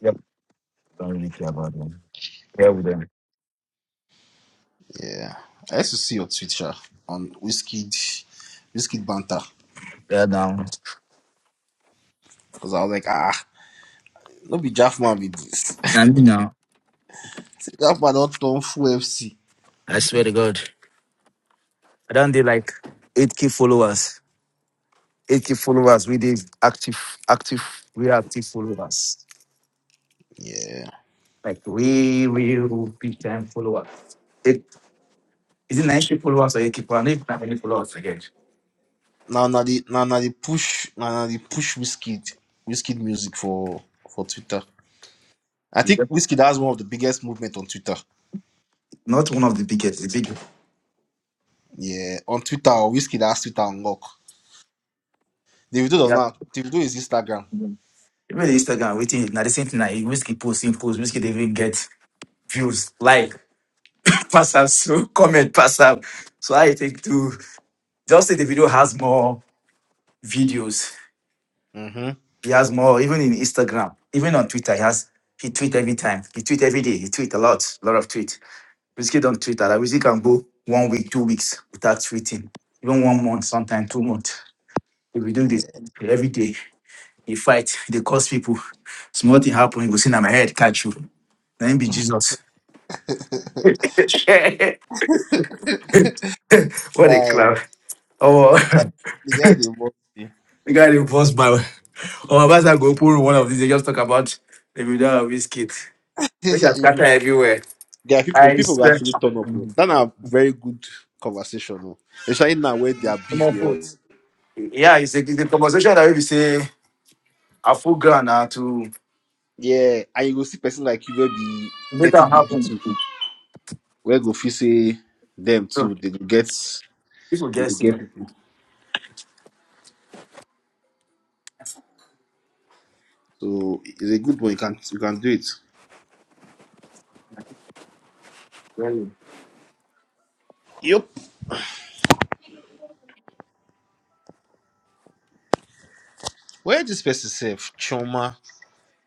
B: Yep. Don't really care about them. Yeah, with them.
D: yeah. I used to see your Twitter on whiskey whiskey banter
B: Yeah, now.
D: because I was like, ah, no be Jaffman with this.
B: I mean, now.
D: Jaffman don't turn full FC.
B: I swear to God. I don't do like 8k followers. 8k followers. We did active, active, real active followers. Like real, real big time followers. Is it 9k followers or 8k followers? I don't even have any followers again.
D: Now, now the now now the push now now the push Whiskey Whiskey music for for Twitter. I
B: You
D: think
B: get-
D: Whiskey has one of the biggest movement on Twitter.
B: Not one of the biggest, the big.
D: Yeah, on Twitter, Whiskey has Twitter unlock. Davido does
B: Yeah.
D: not. Davido is Instagram.
B: Even the Instagram, waiting, now the same thing, like, whiskey post, same post, whiskey, they even get views, like, pass up, so comment, pass up. So I think to just say the video has more videos.
D: Mm-hmm.
B: He has more, even in Instagram, even on Twitter, he has, he tweet every time. He tweet every day. He tweet a lot, a lot of tweets. Whiskey don't tweet that. Like, Whiskey can go one week, two weeks without tweeting, even one month, sometimes two months. If we do this
D: Yeah.
B: every day, you fight, they cause people. Small thing happen, you go see na my head catch you. Let him be Jesus. what a
D: Guy,
B: clown. Oh,
D: the guy they must be.
B: the guy they boss by. Oh, my I go pull one of these. They just talk about the video of his kid. They just scatter everywhere.
D: Guy, people
B: I
D: people will
B: swear.
D: actually turn up. oh.
B: Come
D: That na very good conversation. Oh. Especially now where their beef
B: on,
D: they hot.
B: food. Yeah, it's a, it's a conversation that we be say a full ground now to
D: Yeah, and you go see person like you will be
B: make
D: thirty
B: that
D: big
B: happen.
D: too. where go fit say them
B: So
D: too they go get
B: people
D: they go
B: get
D: get
B: here.
D: people so it's a good one you can you can do it
B: Very.
D: yep where this person self choma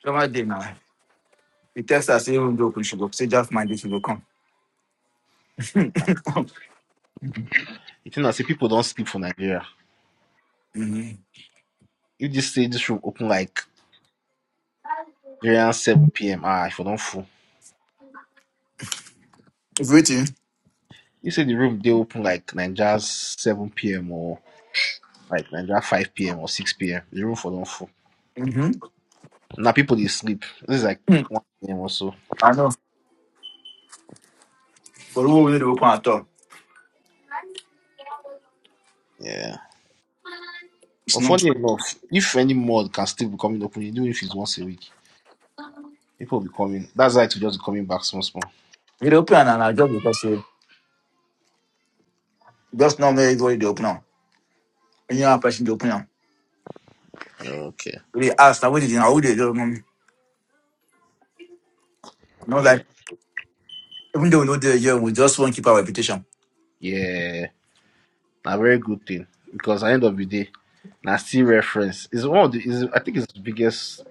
B: Sure, my day now. He text us, say, "Even joke, we should go. Say, just mind this, we will come.
D: you think i say people don't sleep for nigeria
B: Mm-hmm.
D: if this say this room open like nigerian 7 p.m ah if i don't fool
B: It's waiting.
D: you say the room they open like nigeria's 7 p.m or like nigeria 5 p.m or 6 p.m the room for don't fool.
B: Mm-hmm.
D: now people they sleep this is like 1 p.m or so
B: I know. But who will need to open at all?
D: yeah
B: It's
D: but
B: not.
D: funny enough if any mod can still be coming open even if it's once a week People will be coming. That's why it will just be coming back small, small.
B: We dey open and I just because say, just not make everybody they open now. When you are person they open now.
D: Okay.
B: We dey ask, now what did you know? Who they do? mommy?" Not like,
D: Yeah.
B: even though we know they're here, we just want to keep our reputation.
D: Yeah. A very good thing. Because at the end of the day, now still reference. It's one of the is I think it's the biggest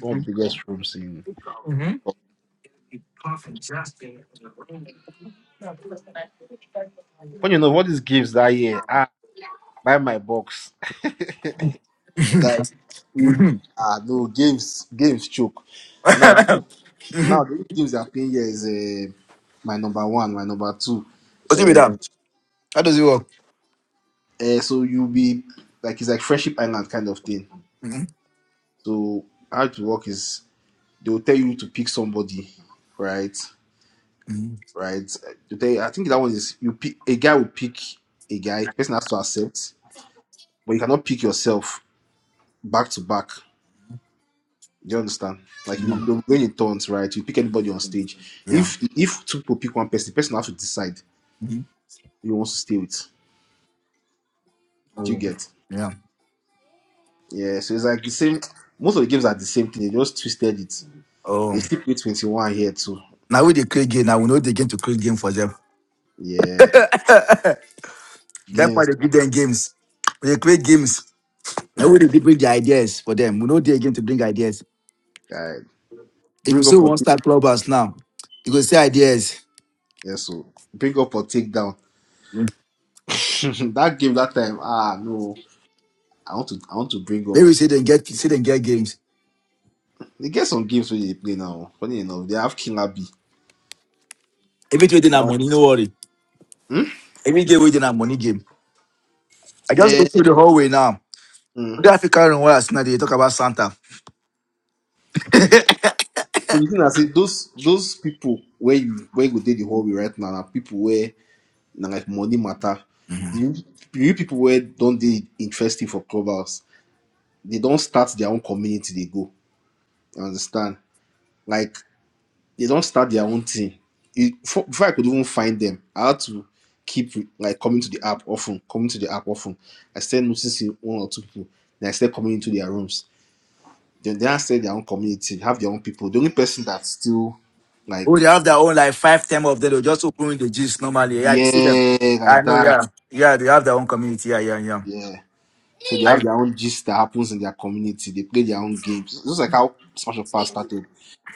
D: one of the biggest rooms in
B: Mm-hmm.
D: when you know what is games that year, ah buy my box. Like, mm, ah, no games, games choke. Now, the- now the only games they are playing here is uh, my number one, my number two.
B: What's it with
D: Uh,
B: that? How does it work?
D: uh, so you'll be like it's like friendship island kind of thing.
B: Mhm.
D: So how it work is they will tell you to pick somebody, right?
B: Mhm.
D: Right? They tell you- I think that one is you pick a guy will pick a guy. Person has to accept, but you cannot pick yourself back to back. Do you understand? Like you,
B: Mhm.
D: you're going in turns, right? You pick anybody on stage.
B: Yeah.
D: If if two people pick one person, the person has to decide
B: Mhm.
D: who he wants to stay with. Do you
B: Oh.
D: get?
B: Yeah.
D: Yeah. So it's like the same. Most of the games are the same thing. They just twisted it.
B: Oh.
D: They still play twenty one here too.
B: Now we they create game. Now we know they game to create game for them.
D: Yeah.
B: That's why
D: Games.
B: they give them games. When you create games, I
D: Guy.
B: will they bring the ideas for them. We know they again to bring ideas.
D: Guy.
B: If we
D: Bring up
B: still
D: or
B: want to
D: take.
B: start clubhouse now, you go say ideas.
D: Yeah. So bring up or take down.
B: Mm.
D: that game that time, ah no, I want to I want to bring up.
B: Maybe we say then get say then get games.
D: They get some games where they play now. Funny enough, they have Killer B.
B: Every day they
D: That
B: have
D: one.
B: money, no worry.
D: Hmm?
B: Every game we they have money game. I just go
D: Eh,
B: through the hallway now.
D: hmm.
B: The African room where I see now they talk about Santa.
D: So the thing I say, those those people where you where you go take the hobby right now, na people where na like money matter. The real the real people where don't they interesting for clubhouse, they don't start their own community. They go. You understand? Like they don't start their own thing. It, before, before I could even find them, I had to keep like coming to the app often, coming to the app often. I started noticing one or two people, then I started coming into their rooms. Then they started their own community, have their own people. The only person that's still
B: Oh,
D: like,
B: they have their own like five, ten of them. They'll just open the gist normally. Yeah, they see them.
D: yeah,
B: I
D: like
B: know,
D: that,
B: yeah. Yeah, they have their own community. Yeah, yeah, yeah.
D: yeah. So they have
B: I,
D: their own gist that happens in their community. They play their own games. Just like how Smash of Pass started.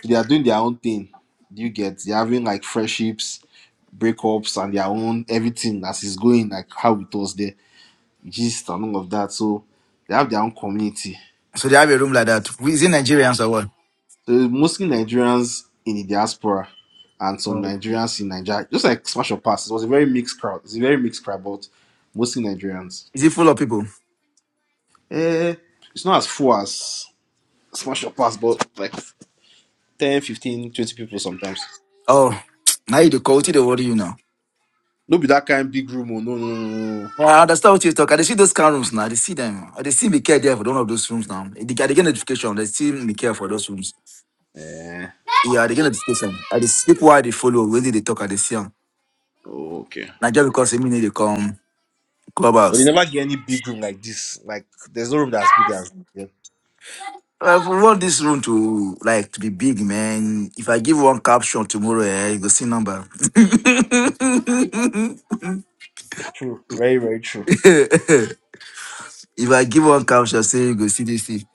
D: So they are doing their own thing. Do you get? They're having like friendships, breakups, and their own everything as it's going, like how it was there, gist and all of that. So they have their own community.
B: so they have a room like that. Is it Nigerians or what?
D: So it's mostly Nigerians in the diaspora and some Nigerians in Nigeria. Just like Smash or Pass, it was a very mixed crowd. It's a very mixed crowd, but mostly Nigerians.
B: Is it full of people?
D: Eh, it's not as full as Smash or Pass, but like 10, 15, 20 people sometimes.
B: Oh, now you the quality they worry you now.
D: No be that kind big room. Oh, no, no, no, no. no.
B: Yeah, I understand what you talk. I dey see those kind rooms now. They see them. I they see me care there for one of those rooms now. They, they get notification. They see me care for those rooms.
D: Eh,
B: Yeah, they get notification. I they see people why they follow when they dey talk. I they see them.
D: oh, okay.
B: Not just because they mean they come
D: But you
B: clubhouse.
D: never get any big room like this. Like, there's no room that's big as yeah.
B: Uh, If we want this room to like to be big, man. If I give one caption tomorrow, eh, you go see number.
D: True. Very, very true.
B: If I give one caption, say you go see this. thing.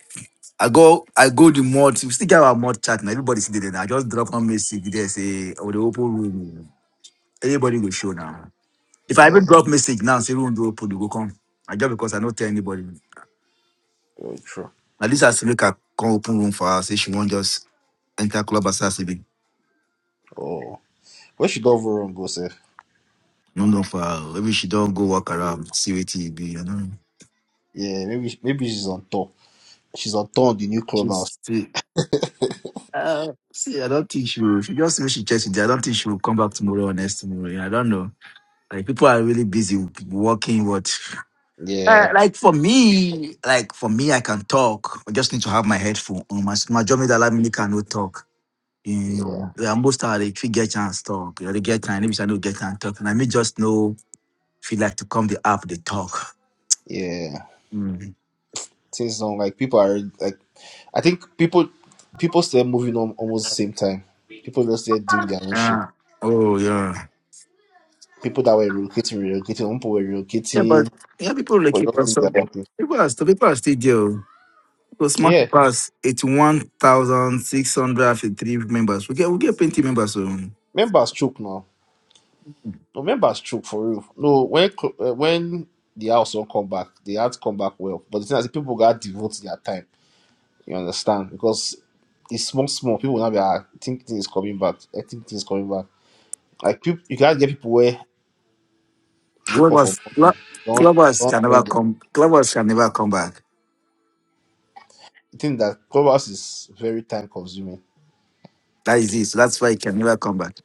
B: I go, I go the mod. We still get our mod chat now. Everybody see there. now. I just drop one message there, say, oh, the open room. Everybody go show now. If I
D: Yeah,
B: even drop message now, say room do open, they go come. I just because I don't tell anybody.
D: very true.
B: Now this has to make her come open room for her. Say she won't just enter club as her sleeping.
D: Oh. Where should Dove Room go, Seth?
B: No, no, for her. Maybe she don't go walk around, see what it be, you know.
D: Yeah, maybe maybe she's on tour. She's on tour on the new clubhouse.
B: She's see, uh, see, I don't think she will. She just wish she checks it. I don't think she will come back tomorrow or next tomorrow. Yeah, I don't know. Like people are really busy working. What? Uh,
D: Yeah,
B: like for me, like for me, I can talk. I just need to have my headphone on. My my job is that me cannot talk. You
D: yeah,
B: know, yeah, most are the if you get chance talk, you know, they get time. Maybe I don't get time talk, and I may just know if you like to come the app they talk.
D: yeah.
B: Mm.
D: Things on like people are like I think people people still moving on almost the same time. People just there doing their own shit.
B: Yeah. Oh yeah.
D: people that were relocating, relocating, people were
B: Yeah, but
D: relocating
B: yeah, people like
D: for
B: keep
D: just
B: us
D: doing
B: up.
D: their own thing.
B: People are still people are still there. Because smart
D: Yeah,
B: pass eighty one thousand six hundred fifty three members. We get we get plenty members. So
D: members choke now. No, members choke for real. No, when cl- uh, when the house don't come back, they had to come back well. But the thing is, people got devote their time. You understand? Because it's small, small. People now be like, "Ah, I think things coming back. I think things coming back. Like people, you can't get people where wake up for
B: clubbers, club,
D: morning. Don't
B: clubbers
D: don't
B: can never
D: join. The,
B: come. Clubbers can never come back.
D: the thing that clubhouse is very time consuming.
B: That is it. So that's why it can never come back.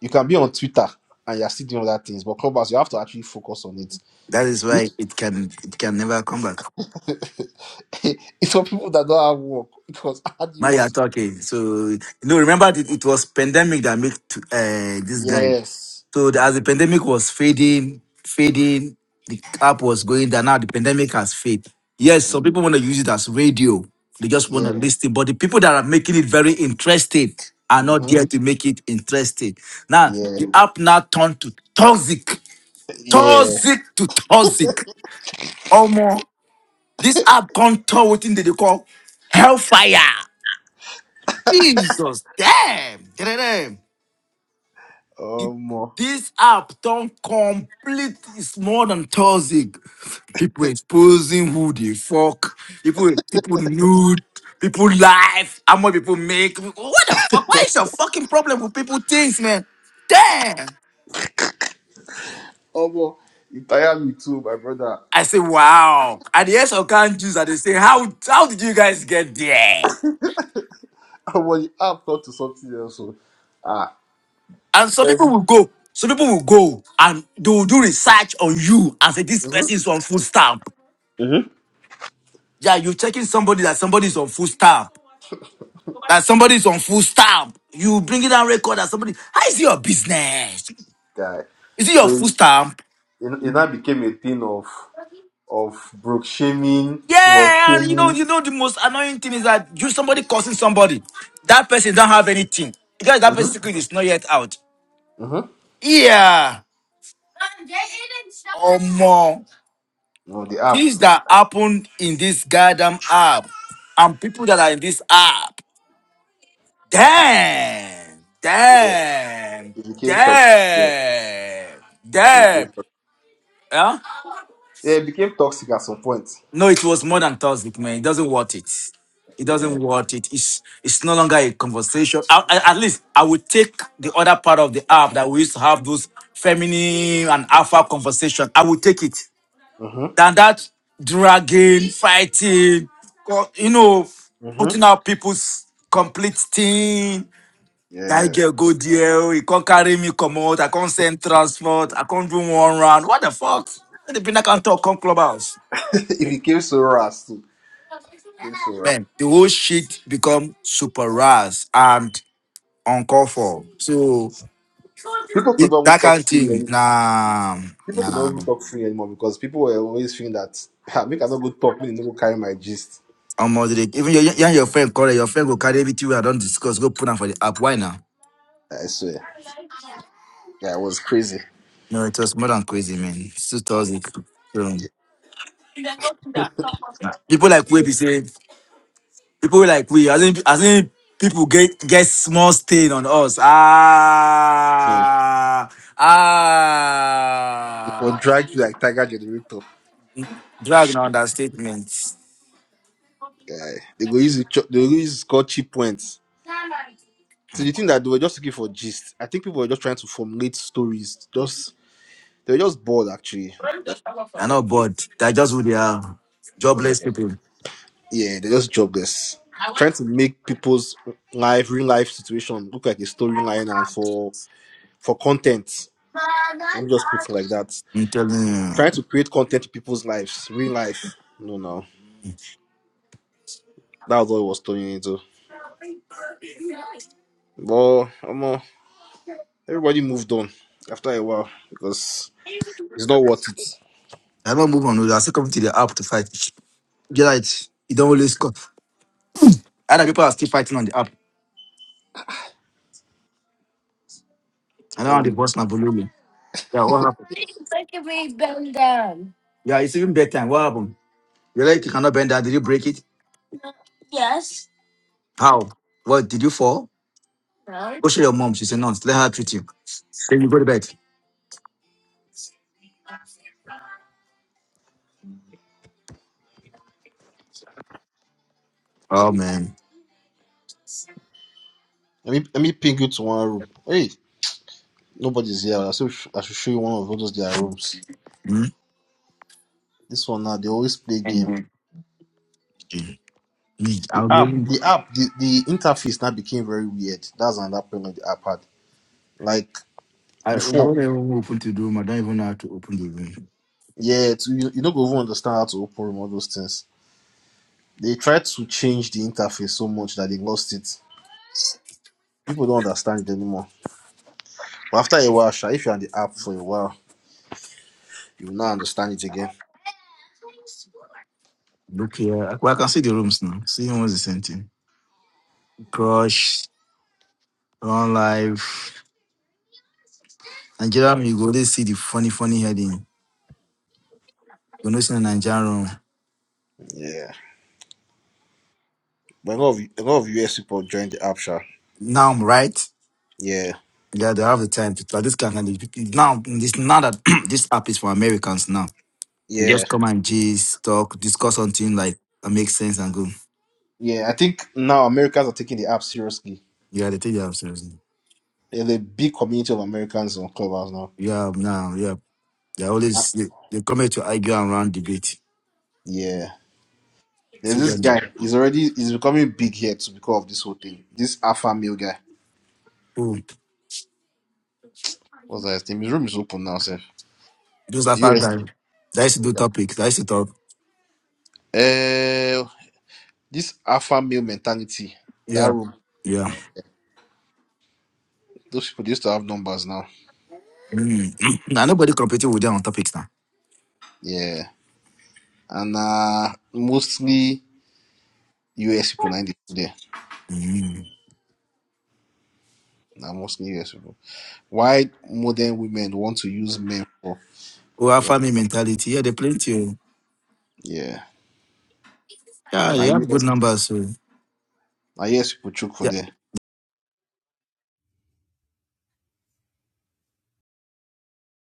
D: You can be on Twitter and you're still doing other things, but clubhouse you have to actually focus on it
B: That is why it can it can never come back.
D: it's for people that don't have work because how do you
B: Now you are
D: want to?
B: talking. So you know, remember it, it was pandemic that made t- uh, this guy.
D: Yes.
B: So the, as the pandemic was fading, fading, the app was going down. Now the pandemic has faded. Yes,
D: Yeah.
B: some people want to use it as radio. They just want to
D: Yeah.
B: listen. But the people that are making it very interesting are not
D: Mm-hmm.
B: there to make it interesting. Now
D: Yeah.
B: the app now turned to toxic,
D: Yeah.
B: toxic to toxic. Almost. This app can't tell within they call hellfire. Jesus, damn. Damn. It,
D: Oh more.
B: this app don't complete. It's more than toxic. People exposing who they fuck. People, people nude. People life. How much people make? What the fuck? Why is your fucking problem with people things, man? Damn.
D: Oh more. You tire me too, my brother.
B: I say, wow. And yes, I can't use. And they say, how how did you guys get there?
D: Oh the app have to something else. So, ah.
B: And some people
D: Um,
B: will go. Some people will go and they will do research on you and say this person is
D: mm-hmm.
B: on food stamp.
D: Mm-hmm.
B: Yeah, you're checking somebody that somebody is on food stamp. That somebody is on food stamp. You bringing down record that somebody. How is it your business?
D: Guy.
B: Is it
D: So
B: your food stamp?
D: it, it now became a thing of of broke shaming, small
B: Yeah, and you know,
D: shaming.
B: you know the most annoying thing is that you somebody cursing somebody. That person don't have anything because that person's
D: Mm-hmm.
B: secret is not yet out.
D: Mm-hmm.
B: Yeah. Oh more.
D: On the app,
B: things that happened in this goddamn app and people that are in this app. Damn,
D: yeah,
B: damn,
D: it became toxic. Yeah,
B: damn,
D: it
B: damn.
D: became,
B: Yeah?
D: yeah, it became toxic at some point.
B: No, it was more than toxic, man. It doesn't worth it. It
D: Yeah.
B: doesn't worth it. It's it's no longer a conversation. I- I- at least I would take the other part of the app that we used to have those feminine and alpha conversation. I would take it.
D: Mm-hmm.
B: than that dragging, fighting, co- you know,
D: Mm-hmm.
B: putting out people's complete thing. That
D: Yeah.
B: girl go there, oh, he can't carry me, come out, I can't send transport, I can't do one round. What the fuck? The people that can't talk, come clubhouse.
D: it became so rust too. It Became so rust.
B: Man, the whole shit become super rash and uncalled for. So
D: People could
B: it,
D: not even
B: that kind
D: talk
B: of
D: free
B: thing,
D: anymore.
B: nah,
D: People could not
B: nah.
D: even talk free anymore because people were always thinking that "Ah, make I not go talk, me no go carry my gist.
B: I'm moderate. Even your, you your friend, call it, your friend go carry everything I don't discuss, go put on for the app. Why now?
D: I swear. Yeah, it was crazy.
B: No, it was more than crazy, man. It's too toxic. So,
D: Yeah.
B: people like we be saying, people like we, as in, as in people get get small stain on us.
D: Mm.
B: Ah,
D: It
B: ah.
D: would drag you like tiger generator.
B: Drag na understatement.
D: Yeah. They go use it, cho- they go use score cheap points. So the thing that they were just looking for gist. I think people were just trying to formulate stories. Just they were just bored actually.
B: They're not bored. They're just who they are.
D: Yeah.
B: Jobless people.
D: yeah, they're just jobless. Trying to make people's life, real life situation look like a storyline and for for content. Let me just put it like that.
B: I'm telling you.
D: Trying to create content to people's lives, real life. No, no. That was what it was turning into. But um, everybody moved on after a while because it's not worth it.
B: I don't move on. I still come to the app to fight. Get it. You don't always call. Other people are still fighting on the app. I don't want to
D: Um,
B: boss my balloon. Yeah, it's even bedtime. What happened? Your leg cannot bend down. Did you break it? How? What? Did you fall? No. Go show your mom. She said, no, let her treat you. Then you go to bed. Oh, man.
D: let me let me ping you to one room. Hey, nobody's here. I should I should show you one of those their rooms.
B: Mm.
D: This one now they always play game.
B: Me, I'll be
D: app
B: able,
D: the app the, the interface now became very weird that's another problem the app had like
B: I, I
D: before
B: won't even open to the room. I don't even know how to open the room.
D: yeah it's- you, you don't go even understand how to open room all those things they tried to change the interface so much that they lost it people don't understand it anymore but after a while sha, if you're on the app for a while you will now understand it again
B: Look here. Well, I can see the rooms now. See almost the same thing. Crush. run life. Nigeria, you go, there. see the funny, funny heading. You know, see the Nigerian room.
D: yeah but a lot of a lot of us people joined the app sha.
B: Now, I'm right?
D: yeah
B: Yeah, they have the time to like this kind of now. This now that this app is for Americans now. You
D: yeah
B: just come and gist, talk, discuss something like that makes sense and go.
D: yeah i think now americans are taking the app seriously
B: Yeah, they take their seriously.
D: there's a big community of americans on clubhouse now
B: Yeah, now, yeah, they
D: Ah,
B: always they, they come here to argue and run debate.
D: yeah There's
B: See
D: this
B: them now.
D: guy. He's already he's becoming big here to because of this whole thing. This alpha male guy.
B: Cool.
D: What's that his name? His room is open now, sir.
B: Those are five
D: Yes.
B: guys. They used to do
D: Uh,
B: topics. They used to talk.
D: this alpha male mentality. That
B: Yeah,
D: room.
B: yeah.
D: Those people they used to have numbers now.
B: Mm. now nobody competing with them on topics now.
D: Yeah. And uh mostly US people ninety there.
B: Mm.
D: Now mostly US people. Why modern women want to use men for?
B: Oh, our family mentality. Yeah, they plenty. oh.
D: Yeah.
B: Yeah,
D: Now
B: they have good
D: US
B: numbers. So.
D: now US people choke for there.